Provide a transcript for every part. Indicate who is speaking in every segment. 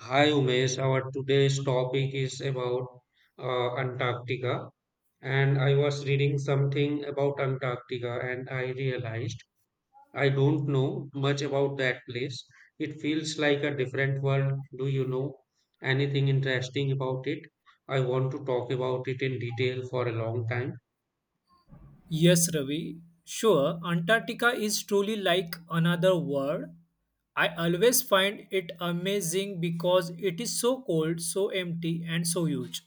Speaker 1: Hi Umesh, our today's topic is about Antarctica, and I was reading something about Antarctica and I realized I don't know much about that place. It feels like a different world. Do you know anything interesting about it? I want to talk about it in detail for a long time.
Speaker 2: Yes, Ravi. Sure, Antarctica is truly like another world. I always find it amazing because it is so cold, so empty, and so huge.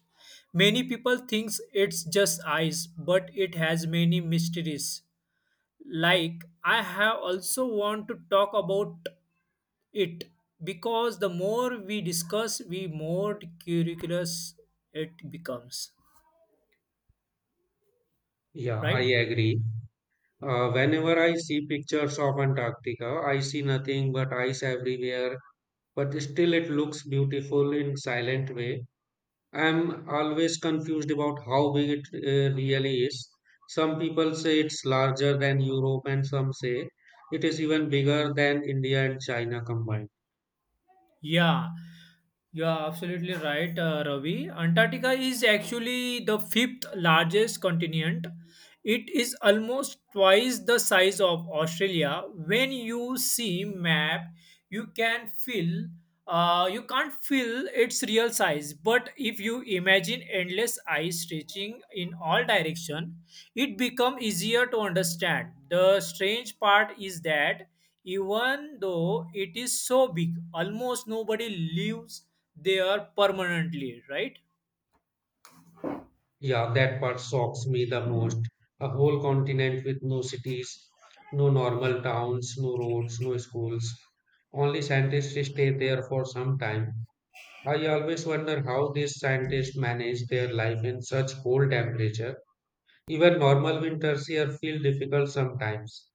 Speaker 2: Many people think it's just ice, but it has many mysteries. Like, I have also want to talk about it because the more we discuss, we more curious it becomes,
Speaker 1: Yeah, I
Speaker 2: right?
Speaker 1: agree. Whenever I see pictures of Antarctica, I see nothing but ice everywhere but still it looks beautiful in silent way. I'm always confused about how big it really is. Some people say it's larger than Europe, and some say it is even bigger than India and China combined.
Speaker 2: Yeah, you are absolutely right, Ravi. Antarctica is actually the fifth largest continent. It is almost twice the size of Australia. When you see map, you can feel you can't feel its real size. But if you imagine endless ice stretching in all direction, it become easier to understand. The strange part is that even though it is so big, almost nobody lives there permanently, right?
Speaker 1: Yeah, that part shocks me the most. A whole continent with no cities, no normal towns, no roads, no schools. Only scientists stay there for some time. I always wonder how these scientists manage their life in such cold temperature. Even normal winters here feel difficult sometimes.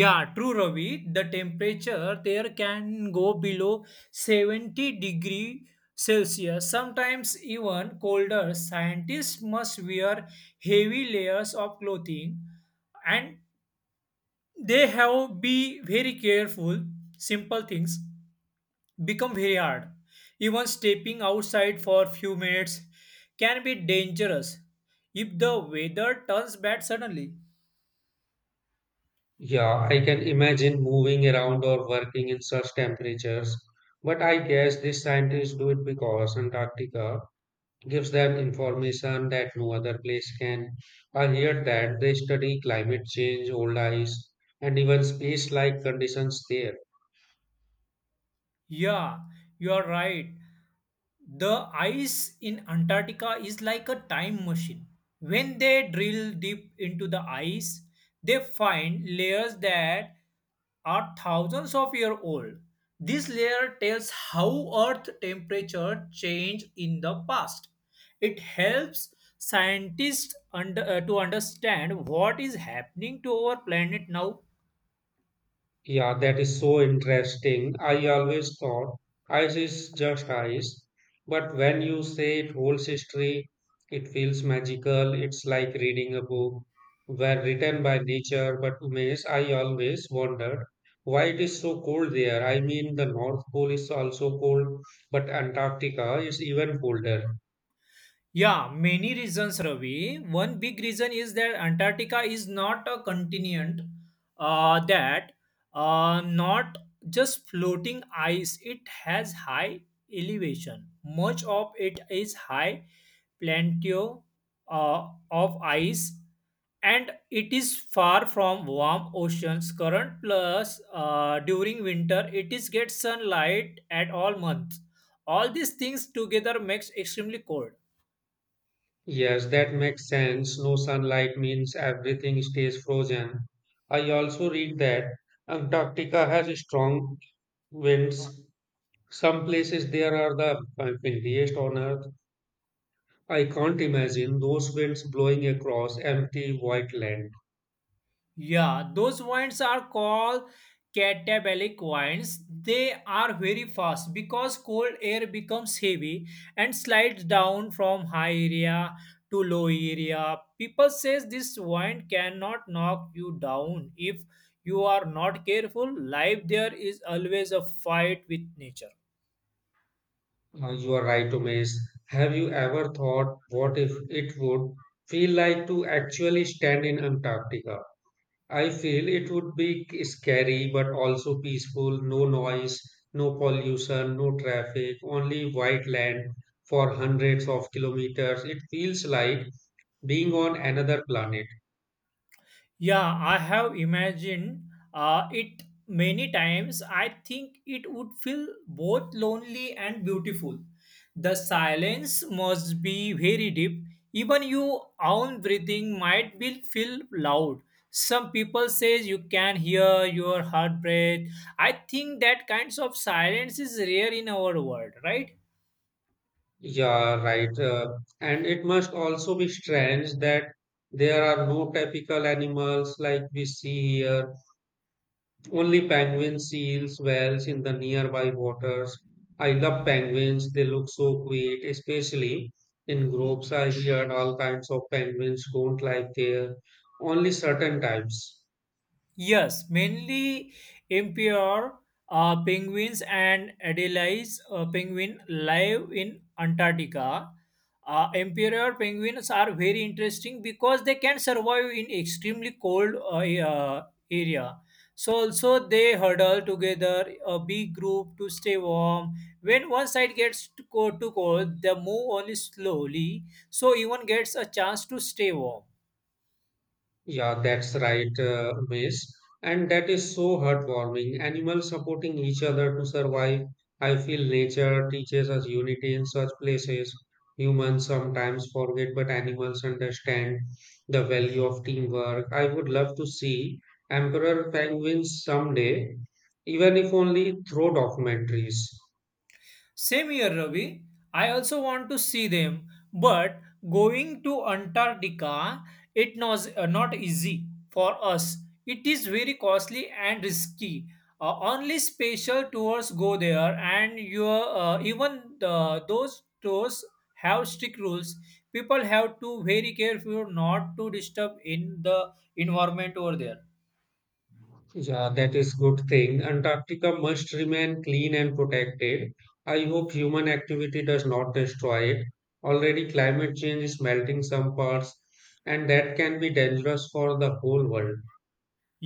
Speaker 2: Yeah, true, Ravi, the temperature there can go below 70-degree celsius, sometimes even colder. Scientists must wear heavy layers of clothing, and they have be very careful. Simple things become very hard. Even stepping outside for a few minutes can be dangerous if the weather turns bad suddenly.
Speaker 1: Yeah, I can imagine moving around or working in such temperatures, but I guess these scientists do it because Antarctica gives them information that no other place can. I hear that they study climate change, old ice, and even space-like conditions there.
Speaker 2: Yeah, you are right. The ice in Antarctica is like a time machine. When they drill deep into the ice, they find layers that are thousands of years old. This layer tells how Earth temperature changed in the past. It helps scientists to understand what is happening to our planet now.
Speaker 1: Yeah, that is so interesting. I always thought ice is just ice, but when you say it holds history, it feels magical. It's like reading a book where written by nature, but to me, I always wondered why it is so cold there. I mean, the North Pole is also cold, but Antarctica is even colder.
Speaker 2: Yeah, many reasons, Ravi. One big reason is that Antarctica is not a continent that not just floating ice. It has high elevation. Much of it is high plateau. uh, of ice, and it is far from warm oceans current. Plus, during winter, it is get sunlight at all months. All these things together makes extremely cold.
Speaker 1: Yes, that makes sense. No sunlight means everything stays frozen. I also read that Antarctica has a strong winds. Some places there are the windiest on earth. I can't imagine those winds blowing across empty white land.
Speaker 2: Yeah, those wines are called catabolic wines. They are very fast because cold air becomes heavy and slides down from high area to low area. People says this wine cannot knock you down if you are not careful. Life there is always a fight with nature.
Speaker 1: You are right, Umesh. Have you ever thought what if it would feel like to actually stand in Antarctica? I feel it would be scary but also peaceful, no noise, no pollution, no traffic, only white land for hundreds of kilometers. It feels like being on another planet.
Speaker 2: Yeah, I have imagined it many times. I think it would feel both lonely and beautiful. The silence must be very deep. Even your own breathing might be feel loud. Some people say you can hear your heart breath. I think that kinds of silence is rare in our world, right?
Speaker 1: Yeah, right. And it must also be strange that there are no typical animals like we see here, only penguins, seals, whales in the nearby waters. I love penguins, they look so cute, especially in groups. I heard all kinds of penguins don't like their only certain types.
Speaker 2: Yes, mainly impure penguins and Adelaide's penguin live in Antarctica. Imperial penguins are very interesting because they can survive in extremely cold area. So also they huddle together a big group to stay warm. When one side gets too cold, they move only slowly, so even gets a chance to stay warm.
Speaker 1: Yeah, that's right, Umesh. And that is so heartwarming. Animals supporting each other to survive. I feel nature teaches us unity in such places. Humans sometimes forget, but animals understand the value of teamwork. I would love to see emperor penguins someday, even if only through documentaries.
Speaker 2: Same here, Ravi. I also want to see them, but going to Antarctica, it was not easy for us. It is very costly and risky. Only special tours go there, and your even the, those tours have strict rules. People have to very careful not to disturb in the environment over there.
Speaker 1: Yeah, that is good thing. Antarctica must remain clean and protected. I hope human activity does not destroy it. Already climate change is melting some parts and that can be dangerous for the whole world.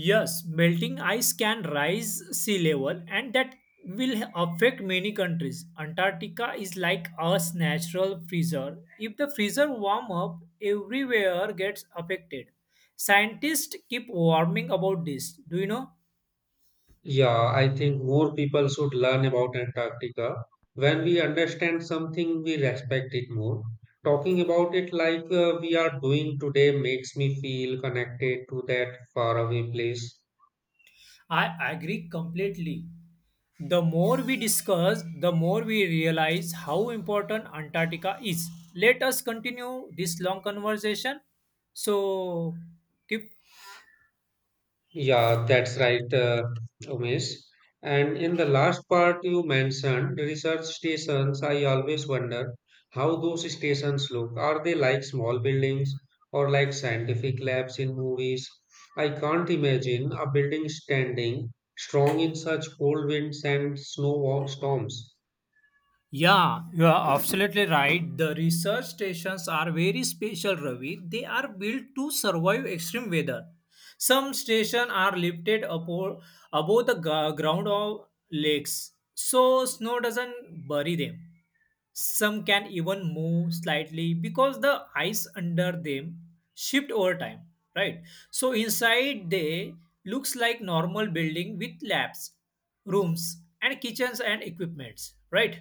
Speaker 2: Yes, melting ice can rise sea level, and that will affect many countries. Antarctica is like a natural freezer. If the freezer warm up, everywhere gets affected. Scientists keep warning about this. Do you know?
Speaker 1: Yeah, I think more people should learn about Antarctica. When we understand something, we respect it more. Talking about it like we are doing today makes me feel connected to that faraway place.
Speaker 2: I agree completely. The more we discuss, the more we realize how important Antarctica is. Let us continue this long conversation. So keep.
Speaker 1: Yeah, that's right, Umesh. And in the last part you mentioned research stations, I always wonder how those stations look. Are they like small buildings or like scientific labs in movies? I can't imagine a building standing strong in such cold winds and snow storms.
Speaker 2: Yeah, you are absolutely right. The research stations are very special, Ravi. They are built to survive extreme weather. Some stations are lifted above the ground of lakes, so snow doesn't bury them. Some can even move slightly because the ice under them shift over time, right? So inside they looks like normal building with labs, rooms, and kitchens and equipments, right?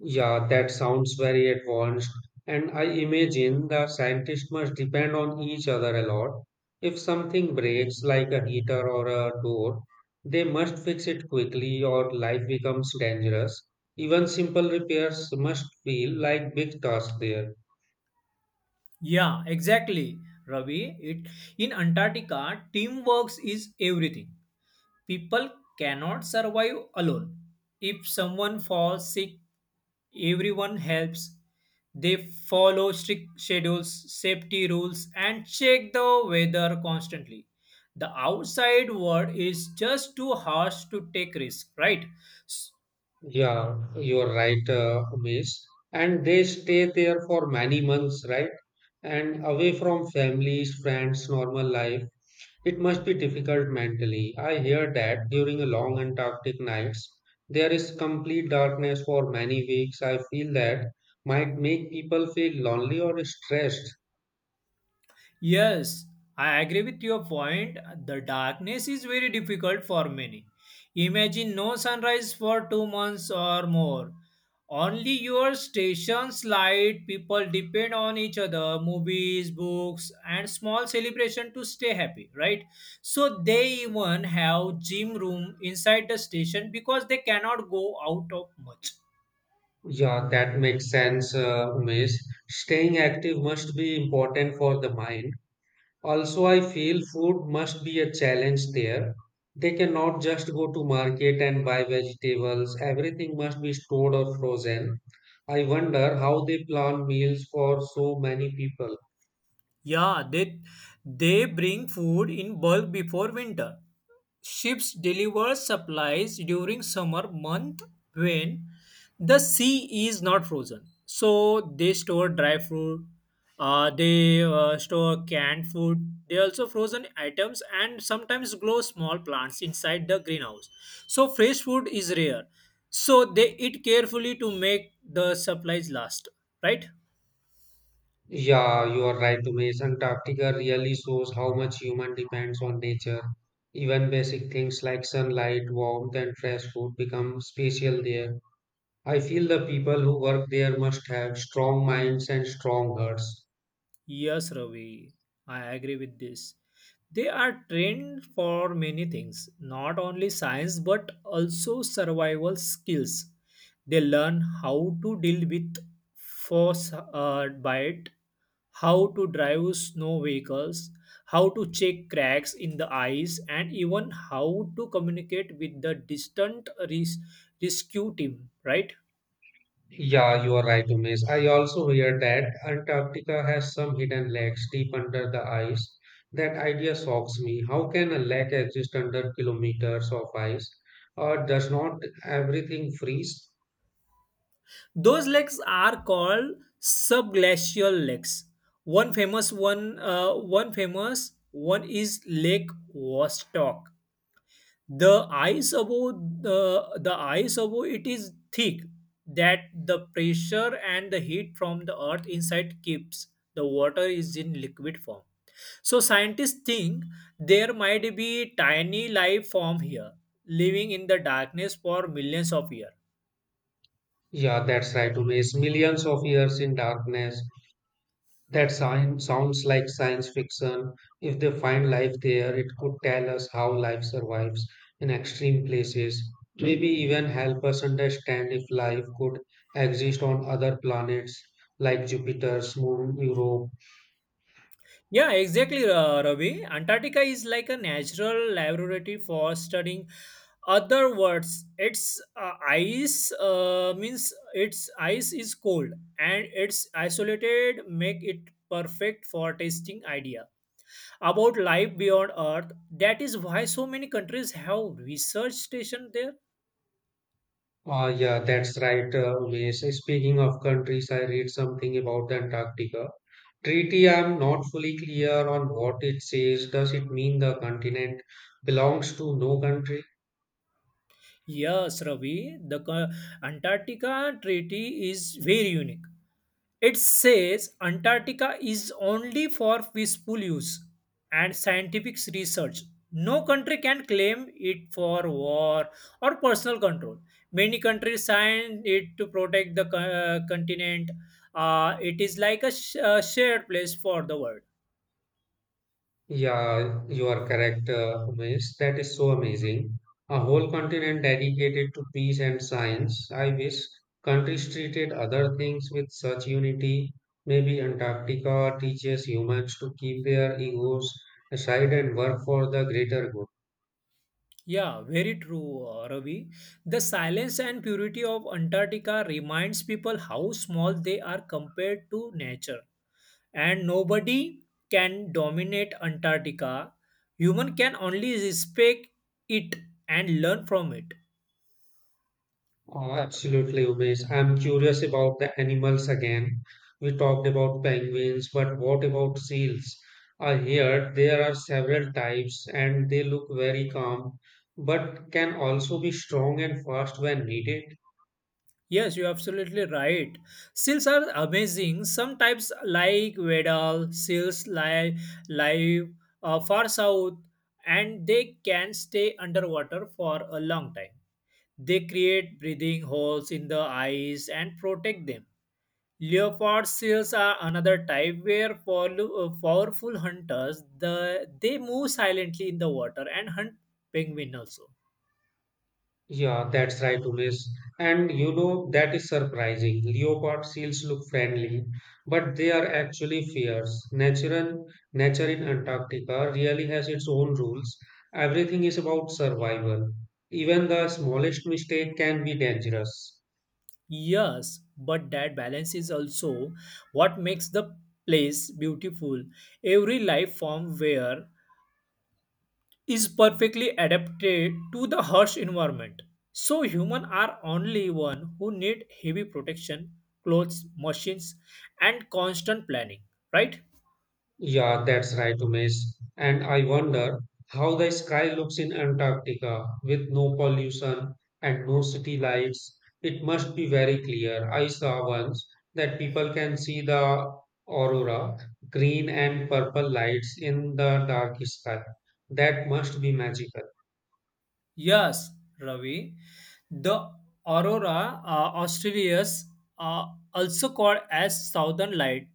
Speaker 1: Yeah, that sounds very advanced. And I imagine the scientists must depend on each other a lot. If something breaks, like a heater or a door, they must fix it quickly or life becomes dangerous. Even simple repairs must feel like big tasks there.
Speaker 2: Yeah, exactly, Ravi. It In Antarctica, teamwork is everything. People cannot survive alone. If someone falls sick, everyone helps. They follow strict schedules, safety rules, and check the weather constantly. The outside world is just too harsh to take risk, right?
Speaker 1: Yeah, you're right, Umesh. And they stay there for many months, right? And away from families, friends, normal life. It must be difficult mentally. I hear that during a long Antarctic nights, there is complete darkness for many weeks. I feel that might make people feel lonely or stressed.
Speaker 2: Yes, I agree with your point. The darkness is very difficult for many. Imagine no sunrise for 2 months or more. Only your station's light, people depend on each other, movies, books, and small celebration to stay happy, right? So they even have gym room inside the station because they cannot go out of much.
Speaker 1: Yeah, that makes sense, Umesh. Staying active must be important for the mind. Also, I feel food must be a challenge there. They cannot just go to market and buy vegetables. Everything must be stored or frozen. I wonder how they plan meals for so many people.
Speaker 2: Yeah, they bring food in bulk before winter. Ships deliver supplies during summer month when the sea is not frozen. So they store dry fruit. They store canned food. They also frozen items and sometimes grow small plants inside the greenhouse. So fresh food is rare. So they eat carefully to make the supplies last, right?
Speaker 1: Yeah, you are right, Umesh. Antarctica really shows how much human depends on nature. Even basic things like sunlight, warmth, and fresh food become special there. I feel the people who work there must have strong minds and strong hearts.
Speaker 2: Yes, Ravi, I agree with this. They are trained for many things, not only science but also survival skills. They learn how to deal with force bite, how to drive snow vehicles, how to check cracks in the ice, and even how to communicate with the distant rescue team, right?
Speaker 1: Yeah, you are right, Umesh. I also hear that Antarctica has some hidden lakes deep under the ice. That idea shocks me. How can a lake exist under kilometers of ice? Or does not everything freeze?
Speaker 2: Those lakes are called subglacial lakes. One famous one is Lake Vostok. The ice above the ice above it is thick that the pressure and the heat from the earth inside keeps the water is in liquid form. So scientists think there might be tiny life form here, living in the darkness for millions of years.
Speaker 1: Yeah, that's right, Umesh. Millions of years in darkness. That sign sounds like science fiction. If they find life there, it could tell us how life survives in extreme places. Maybe even help us understand if life could exist on other planets like Jupiter's moon, Europe.
Speaker 2: Yeah, exactly, Ravi. Antarctica is like a natural laboratory for studying. Other words, its ice means its ice is cold and it's isolated, make it perfect for testing idea about life beyond Earth. That is why so many countries have research station there.
Speaker 1: Ah, yeah, that's right, Umesh. Speaking of countries, I read something about the Antarctica treaty. I'm not fully clear on what it says. Does it mean the continent belongs to no country?
Speaker 2: Yes, Ravi. Antarctica Treaty is very unique. It says Antarctica is only for peaceful use and scientific research. No country can claim it for war or personal control. Many countries signed it to protect the continent. It is like a, a shared place for the world.
Speaker 1: Yeah, you are correct, Umesh. That is so amazing. A whole continent dedicated to peace and science. I wish countries treated other things with such unity. Maybe Antarctica teaches humans to keep their egos aside and work for the greater good.
Speaker 2: Yeah, very true, Ravi. The silence and purity of Antarctica reminds people how small they are compared to nature, and nobody can dominate Antarctica. Human can only respect it and learn from it.
Speaker 1: Oh, absolutely, Umesh. I'm curious about the animals again. We talked about penguins, but what about seals? I heard there are several types and they look very calm, but can also be strong and fast when needed.
Speaker 2: Yes, you're absolutely right. Seals are amazing. Some types, like Weddell seals lie live far south, and they can stay underwater for a long time. They create breathing holes in the ice and protect them. Leopard seals are another type where powerful hunters, they move silently in the water and hunt penguin also.
Speaker 1: Yeah, that's right, Umesh. And you know, that is surprising. Leopard seals look friendly, but they are actually fierce. Natural, nature in Antarctica really has its own rules. Everything is about survival. Even the smallest mistake can be dangerous.
Speaker 2: Yes, but that balance is also what makes the place beautiful. Every life form where is perfectly adapted to the harsh environment. So human are only one who need heavy protection, clothes, machines, and constant planning, right?
Speaker 1: Yeah, that's right, Umesh. And I wonder how the sky looks in Antarctica with no pollution and no city lights. It must be very clear. I saw once that people can see the aurora, green and purple lights in the dark sky. That must be magical.
Speaker 2: Yes, Ravi. The aurora australis are also called as southern light.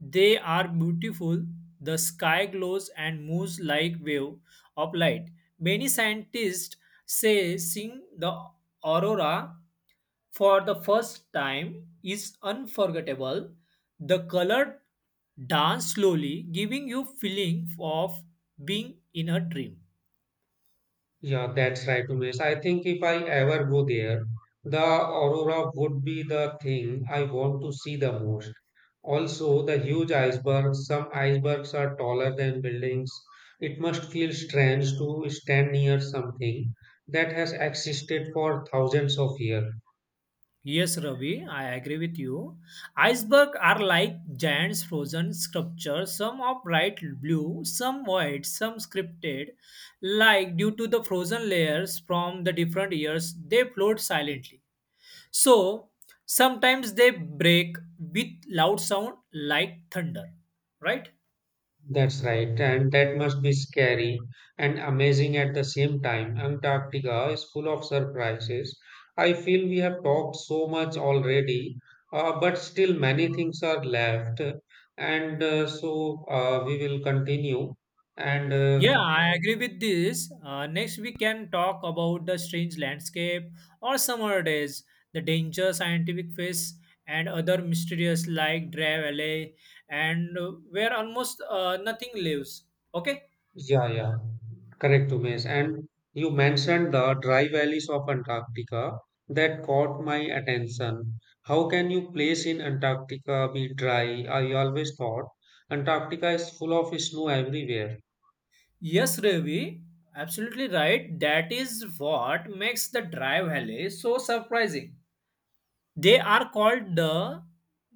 Speaker 2: They are beautiful. The sky glows and moves like wave of light. Many scientists say seeing the aurora for the first time is unforgettable. The color dance slowly, giving you feeling of being in a dream.
Speaker 1: Yeah, that's right, Umesh. I think if I ever go there, the aurora would be the thing I want to see the most. Also, the huge icebergs, some icebergs are taller than buildings. It must feel strange to stand near something that has existed for thousands of years.
Speaker 2: Yes, Ravi, I agree with you. Icebergs are like giant frozen sculptures, some are bright blue, some white, some scripted. Like due to the frozen layers from the different years, they float silently. So sometimes they break with loud sound like thunder, right?
Speaker 1: That's right, and that must be scary and amazing at the same time. Antarctica is full of surprises. I feel we have talked so much already, but still many things are left. And so we will continue. And
Speaker 2: Yeah, I agree with this. Next, we can talk about the strange landscape or summer days, the danger scientific face, and other mysterious like Drive Alley, and where almost nothing lives. Okay.
Speaker 1: Yeah, yeah, correct, Umesh. And you mentioned the dry valleys of Antarctica that caught my attention. How can you place in Antarctica be dry? I always thought Antarctica is full of snow everywhere.
Speaker 2: Yes, Ravi, absolutely right. That is what makes the Drive Alley so surprising. They are called the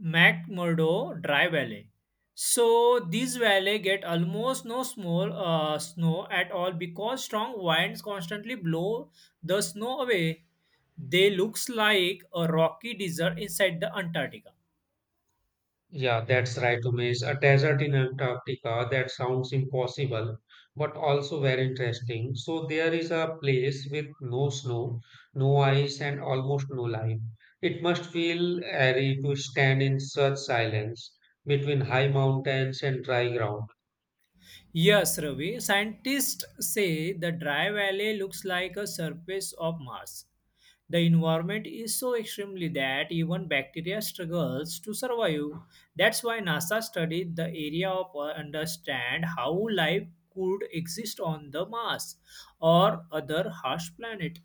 Speaker 2: McMurdo Dry Valley. So these valley get almost no small snow at all because strong winds constantly blow the snow away. They looks like a rocky desert inside the Antarctica.
Speaker 1: Yeah, that's right, Umesh. A desert in Antarctica, that sounds impossible, but also very interesting. So there is a place with no snow, no ice, and almost no life. It must feel eerie to stand in such silence between high mountains and dry ground.
Speaker 2: Yes, Ravi. Scientists say the dry valley looks like a surface of Mars. The environment is so extremely that even bacteria struggles to survive. That's why NASA studied the area of understand how life could exist on the Mars or other harsh planet.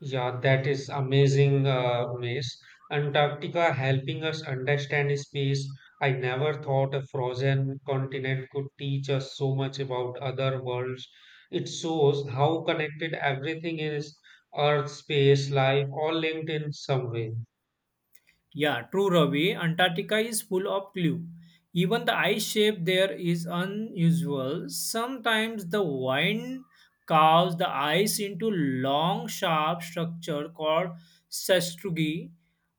Speaker 1: Yeah, that is amazing, Umesh. Antarctica helping us understand space. I never thought a frozen continent could teach us so much about other worlds. It shows how connected everything is, Earth, space, life, all linked in some way.
Speaker 2: Yeah, true, Ravi. Antarctica is full of clue. Even the ice shape there is unusual. Sometimes the wind carves the ice into long, sharp structure called sastrugi.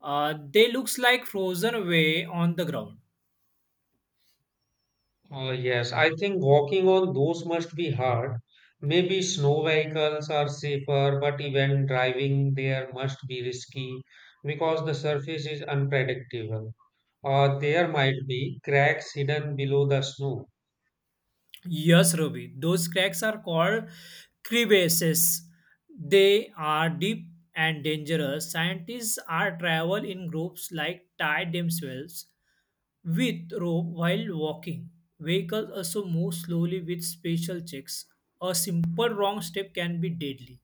Speaker 2: They looks like frozen away on the ground.
Speaker 1: Yes, I think walking on those must be hard. Maybe snow vehicles are safer, but even driving there must be risky because the surface is unpredictable. There might be cracks hidden below the snow.
Speaker 2: Yes, Ruby. Those cracks are called crevasses. They are deep and dangerous. Scientists are travel in groups like tie themselves with rope while walking. Vehicles also move slowly with special checks. A simple wrong step can be deadly.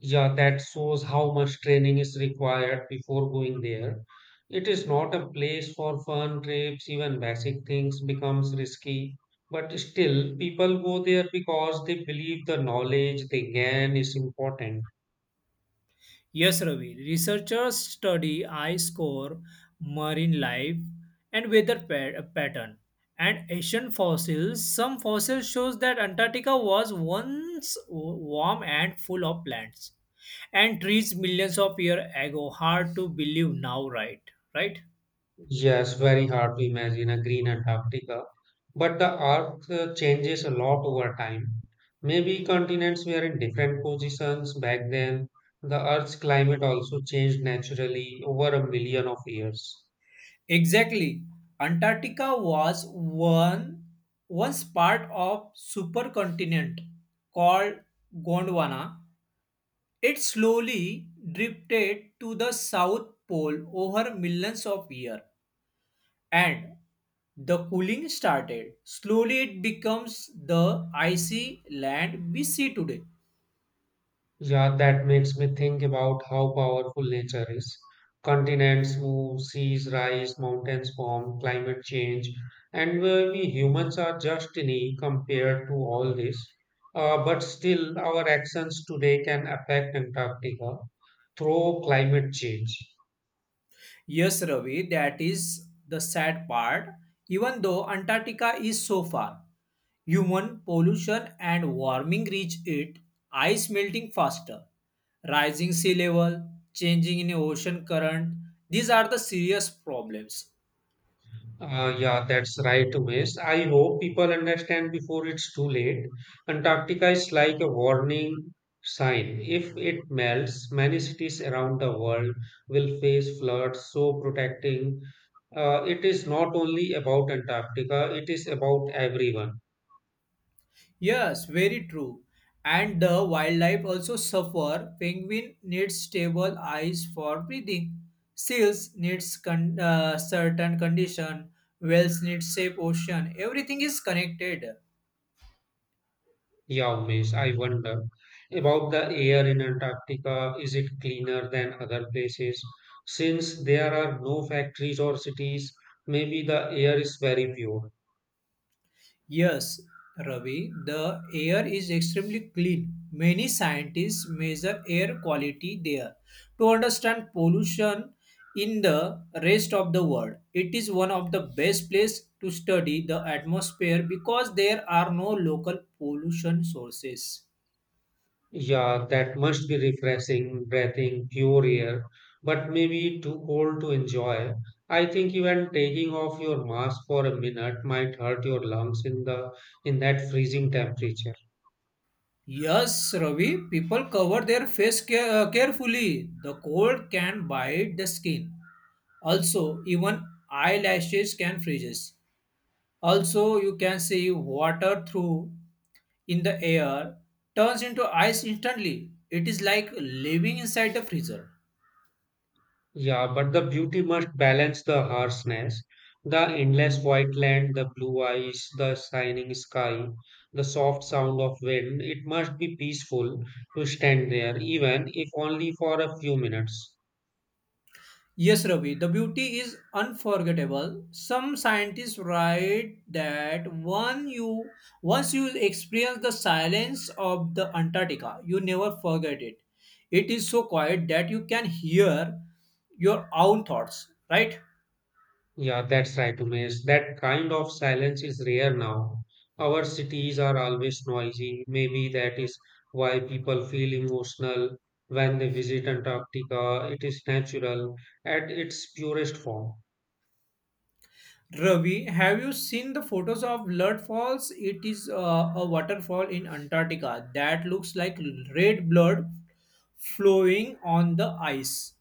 Speaker 1: Yeah, that shows how much training is required before going there. It is not a place for fun trips, even basic things becomes risky. But still, people go there because they believe the knowledge they gain is important.
Speaker 2: Yes, Ravi. Researchers study eye score, marine life, and weather pattern. And Asian fossils. Some fossils shows that Antarctica was once warm and full of plants and trees millions of years ago. Hard to believe now, right? Right?
Speaker 1: Yes, very hard to imagine a green Antarctica, but the Earth changes a lot over time. Maybe continents were in different positions back then. The Earth's climate also changed naturally over a million of years.
Speaker 2: Exactly. Antarctica was one once part of supercontinent called Gondwana. It slowly drifted to the South Pole over millions of years, and the cooling started. Slowly, it becomes the icy land we see today.
Speaker 1: Yeah, that makes me think about how powerful nature is. Continents move, seas rise, mountains form, climate change, and we humans are just tiny compared to all this. But still, our actions today can affect Antarctica through climate change.
Speaker 2: Yes, Ravi, that is the sad part. Even though Antarctica is so far, human pollution and warming reach it, ice melting faster, rising sea level, changing in ocean current. These are the serious problems.
Speaker 1: Yeah, that's right, Umesh. I hope people understand before it's too late. Antarctica is like a warning sign. If it melts, many cities around the world will face floods. So, protecting it is not only about Antarctica, it is about everyone.
Speaker 2: Yes, very true. And the wildlife also suffer. Penguin needs stable eyes for breathing. Seals needs certain condition. Whales need safe ocean. Everything is connected.
Speaker 1: Yeah, Umesh, I wonder about the air in Antarctica. Is it cleaner than other places? Since there are no factories or cities, maybe the air is very pure.
Speaker 2: Yes, Ravi, the air is extremely clean. Many scientists measure air quality there to understand pollution in the rest of the world. It is one of the best places to study the atmosphere because there are no local pollution sources.
Speaker 1: Yeah, that must be refreshing, breathing, pure air, but maybe too cold to enjoy. I think even taking off your mask for a minute might hurt your lungs in the in that freezing temperature.
Speaker 2: Yes, Ravi, people cover their face carefully. The cold can bite the skin. Also, even eyelashes can freeze. Also, you can see water through in the air turns into ice instantly. It is like living inside the freezer.
Speaker 1: Yeah, but the beauty must balance the harshness. The endless white land, the blue eyes, the shining sky, the soft sound of wind, it must be peaceful to stand there, even if only for a few minutes.
Speaker 2: Yes, Ravi, the beauty is unforgettable. Some scientists write that one you once you experience the silence of the Antarctica, you never forget it. It is so quiet that you can hear your own thoughts, right?
Speaker 1: Yeah, that's right, Umesh. That kind of silence is rare now. Our cities are always noisy. Maybe that is why people feel emotional when they visit Antarctica. It is natural at its purest form.
Speaker 2: Ravi, have you seen the photos of Blood Falls? It is a waterfall in Antarctica that looks like red blood flowing on the ice.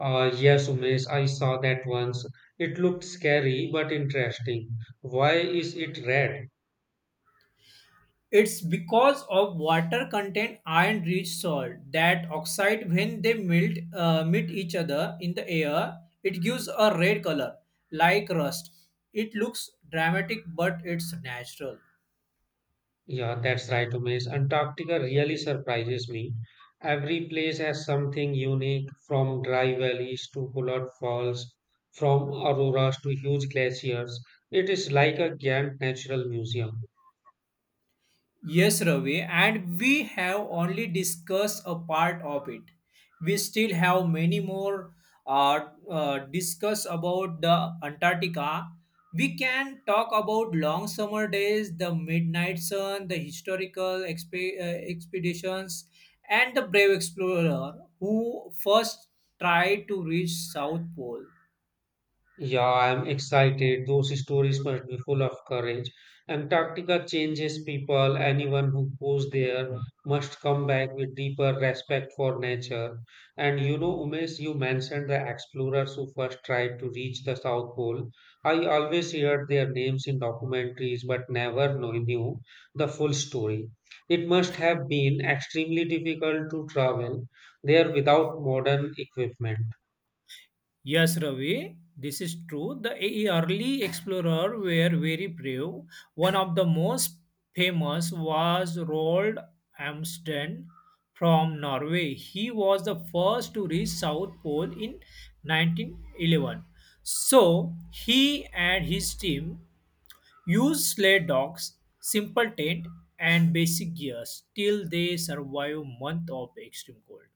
Speaker 1: Yes, Umesh, I saw that once. It looked scary but interesting. Why is it red?
Speaker 2: It's because of water content iron-rich salt that oxide when they melt meet each other in the air. It gives a red color like rust. It looks dramatic, but it's natural.
Speaker 1: Yeah, that's right, Umesh. Antarctica really surprises me. Every place has something unique, from dry valleys to polar falls, from auroras to huge glaciers. It is like a giant natural museum.
Speaker 2: Yes, Ravi, and we have only discussed a part of it. We still have many more discuss about the Antarctica. We can talk about long summer days, the midnight sun, the historical expeditions, and the brave explorer who first tried to reach South Pole.
Speaker 1: Yeah, I'm excited. Those stories must be full of courage. Antarctica changes people. Anyone who goes there must come back with deeper respect for nature. And you know, Umesh, you mentioned the explorers who first tried to reach the South Pole. I always heard their names in documentaries, but never knew the full story. It must have been extremely difficult to travel there without modern equipment.
Speaker 2: Yes, Ravi, this is true. The early explorers were very brave. One of the most famous was Roald Amundsen from Norway. He was the first to reach South Pole in 1911. So he and his team used sled dogs, simple tent, and basic gears till they survived month of extreme cold.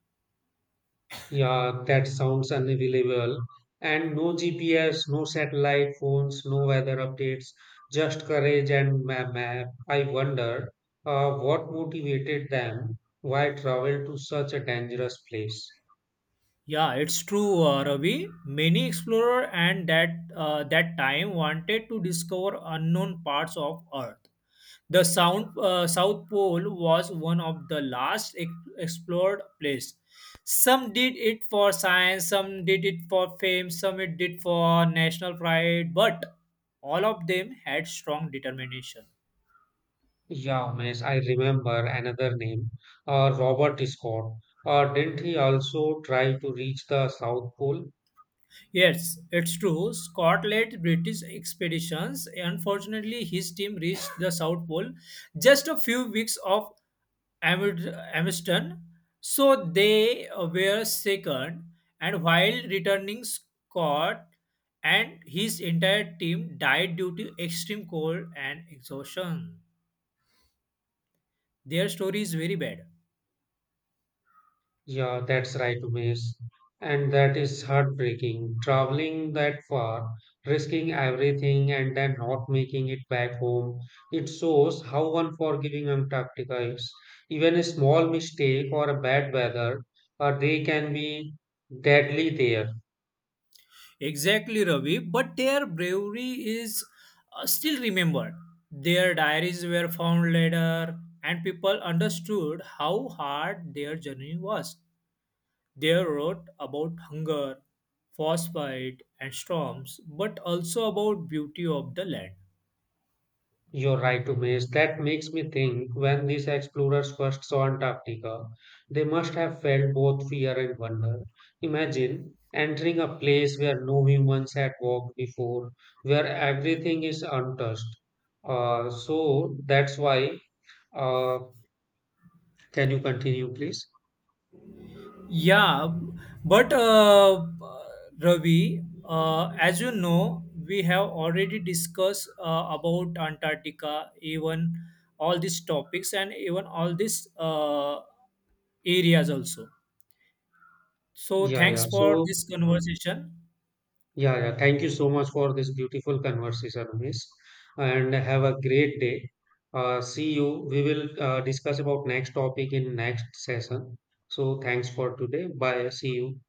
Speaker 1: Yeah, that sounds unbelievable. And no GPS, no satellite phones, no weather updates, just courage and map. I wonder what motivated them, why travel to such a dangerous place.
Speaker 2: Yeah, it's true, Ravi. Many explorers and that time wanted to discover unknown parts of Earth. South Pole was one of the last explored place. Some did it for science, some did it for fame, some it did for national pride, but all of them had strong determination.
Speaker 1: Yeah, miss, I remember another name, Robert Scott. Didn't he also try to reach the South Pole?
Speaker 2: Yes, it's true. Scott led British expeditions. Unfortunately, his team reached the South Pole just a few weeks of Amid- Amundsen, so they were second. And while returning, Scott and his entire team died due to extreme cold and exhaustion. Their story is very bad.
Speaker 1: Yeah, that's right, Umesh. And that is heartbreaking. Traveling that far, risking everything, and then not making it back home. It shows how unforgiving Antarctica is. Even a small mistake or a bad weather, they can be deadly there.
Speaker 2: Exactly, Ravi. But their bravery is still remembered. Their diaries were found later, and people understood how hard their journey was. They wrote about hunger, frostbite, and storms, but also about beauty of the land.
Speaker 1: You're right, Umesh. That makes me think when these explorers first saw Antarctica, they must have felt both fear and wonder. Imagine entering a place where no humans had walked before, where everything is untouched. So that's why. Uh, can you continue, please?
Speaker 2: Yeah, but Ravi, as you know, we have already discussed about Antarctica, even all these topics and even all these areas also. So,
Speaker 1: Yeah, yeah.
Speaker 2: thanks for
Speaker 1: So
Speaker 2: this conversation.
Speaker 1: Yeah, yeah. Thank you so much for this beautiful conversation, Miss. And have a great day. See you. We will discuss about next topic in next session. So thanks for today. Bye. See you.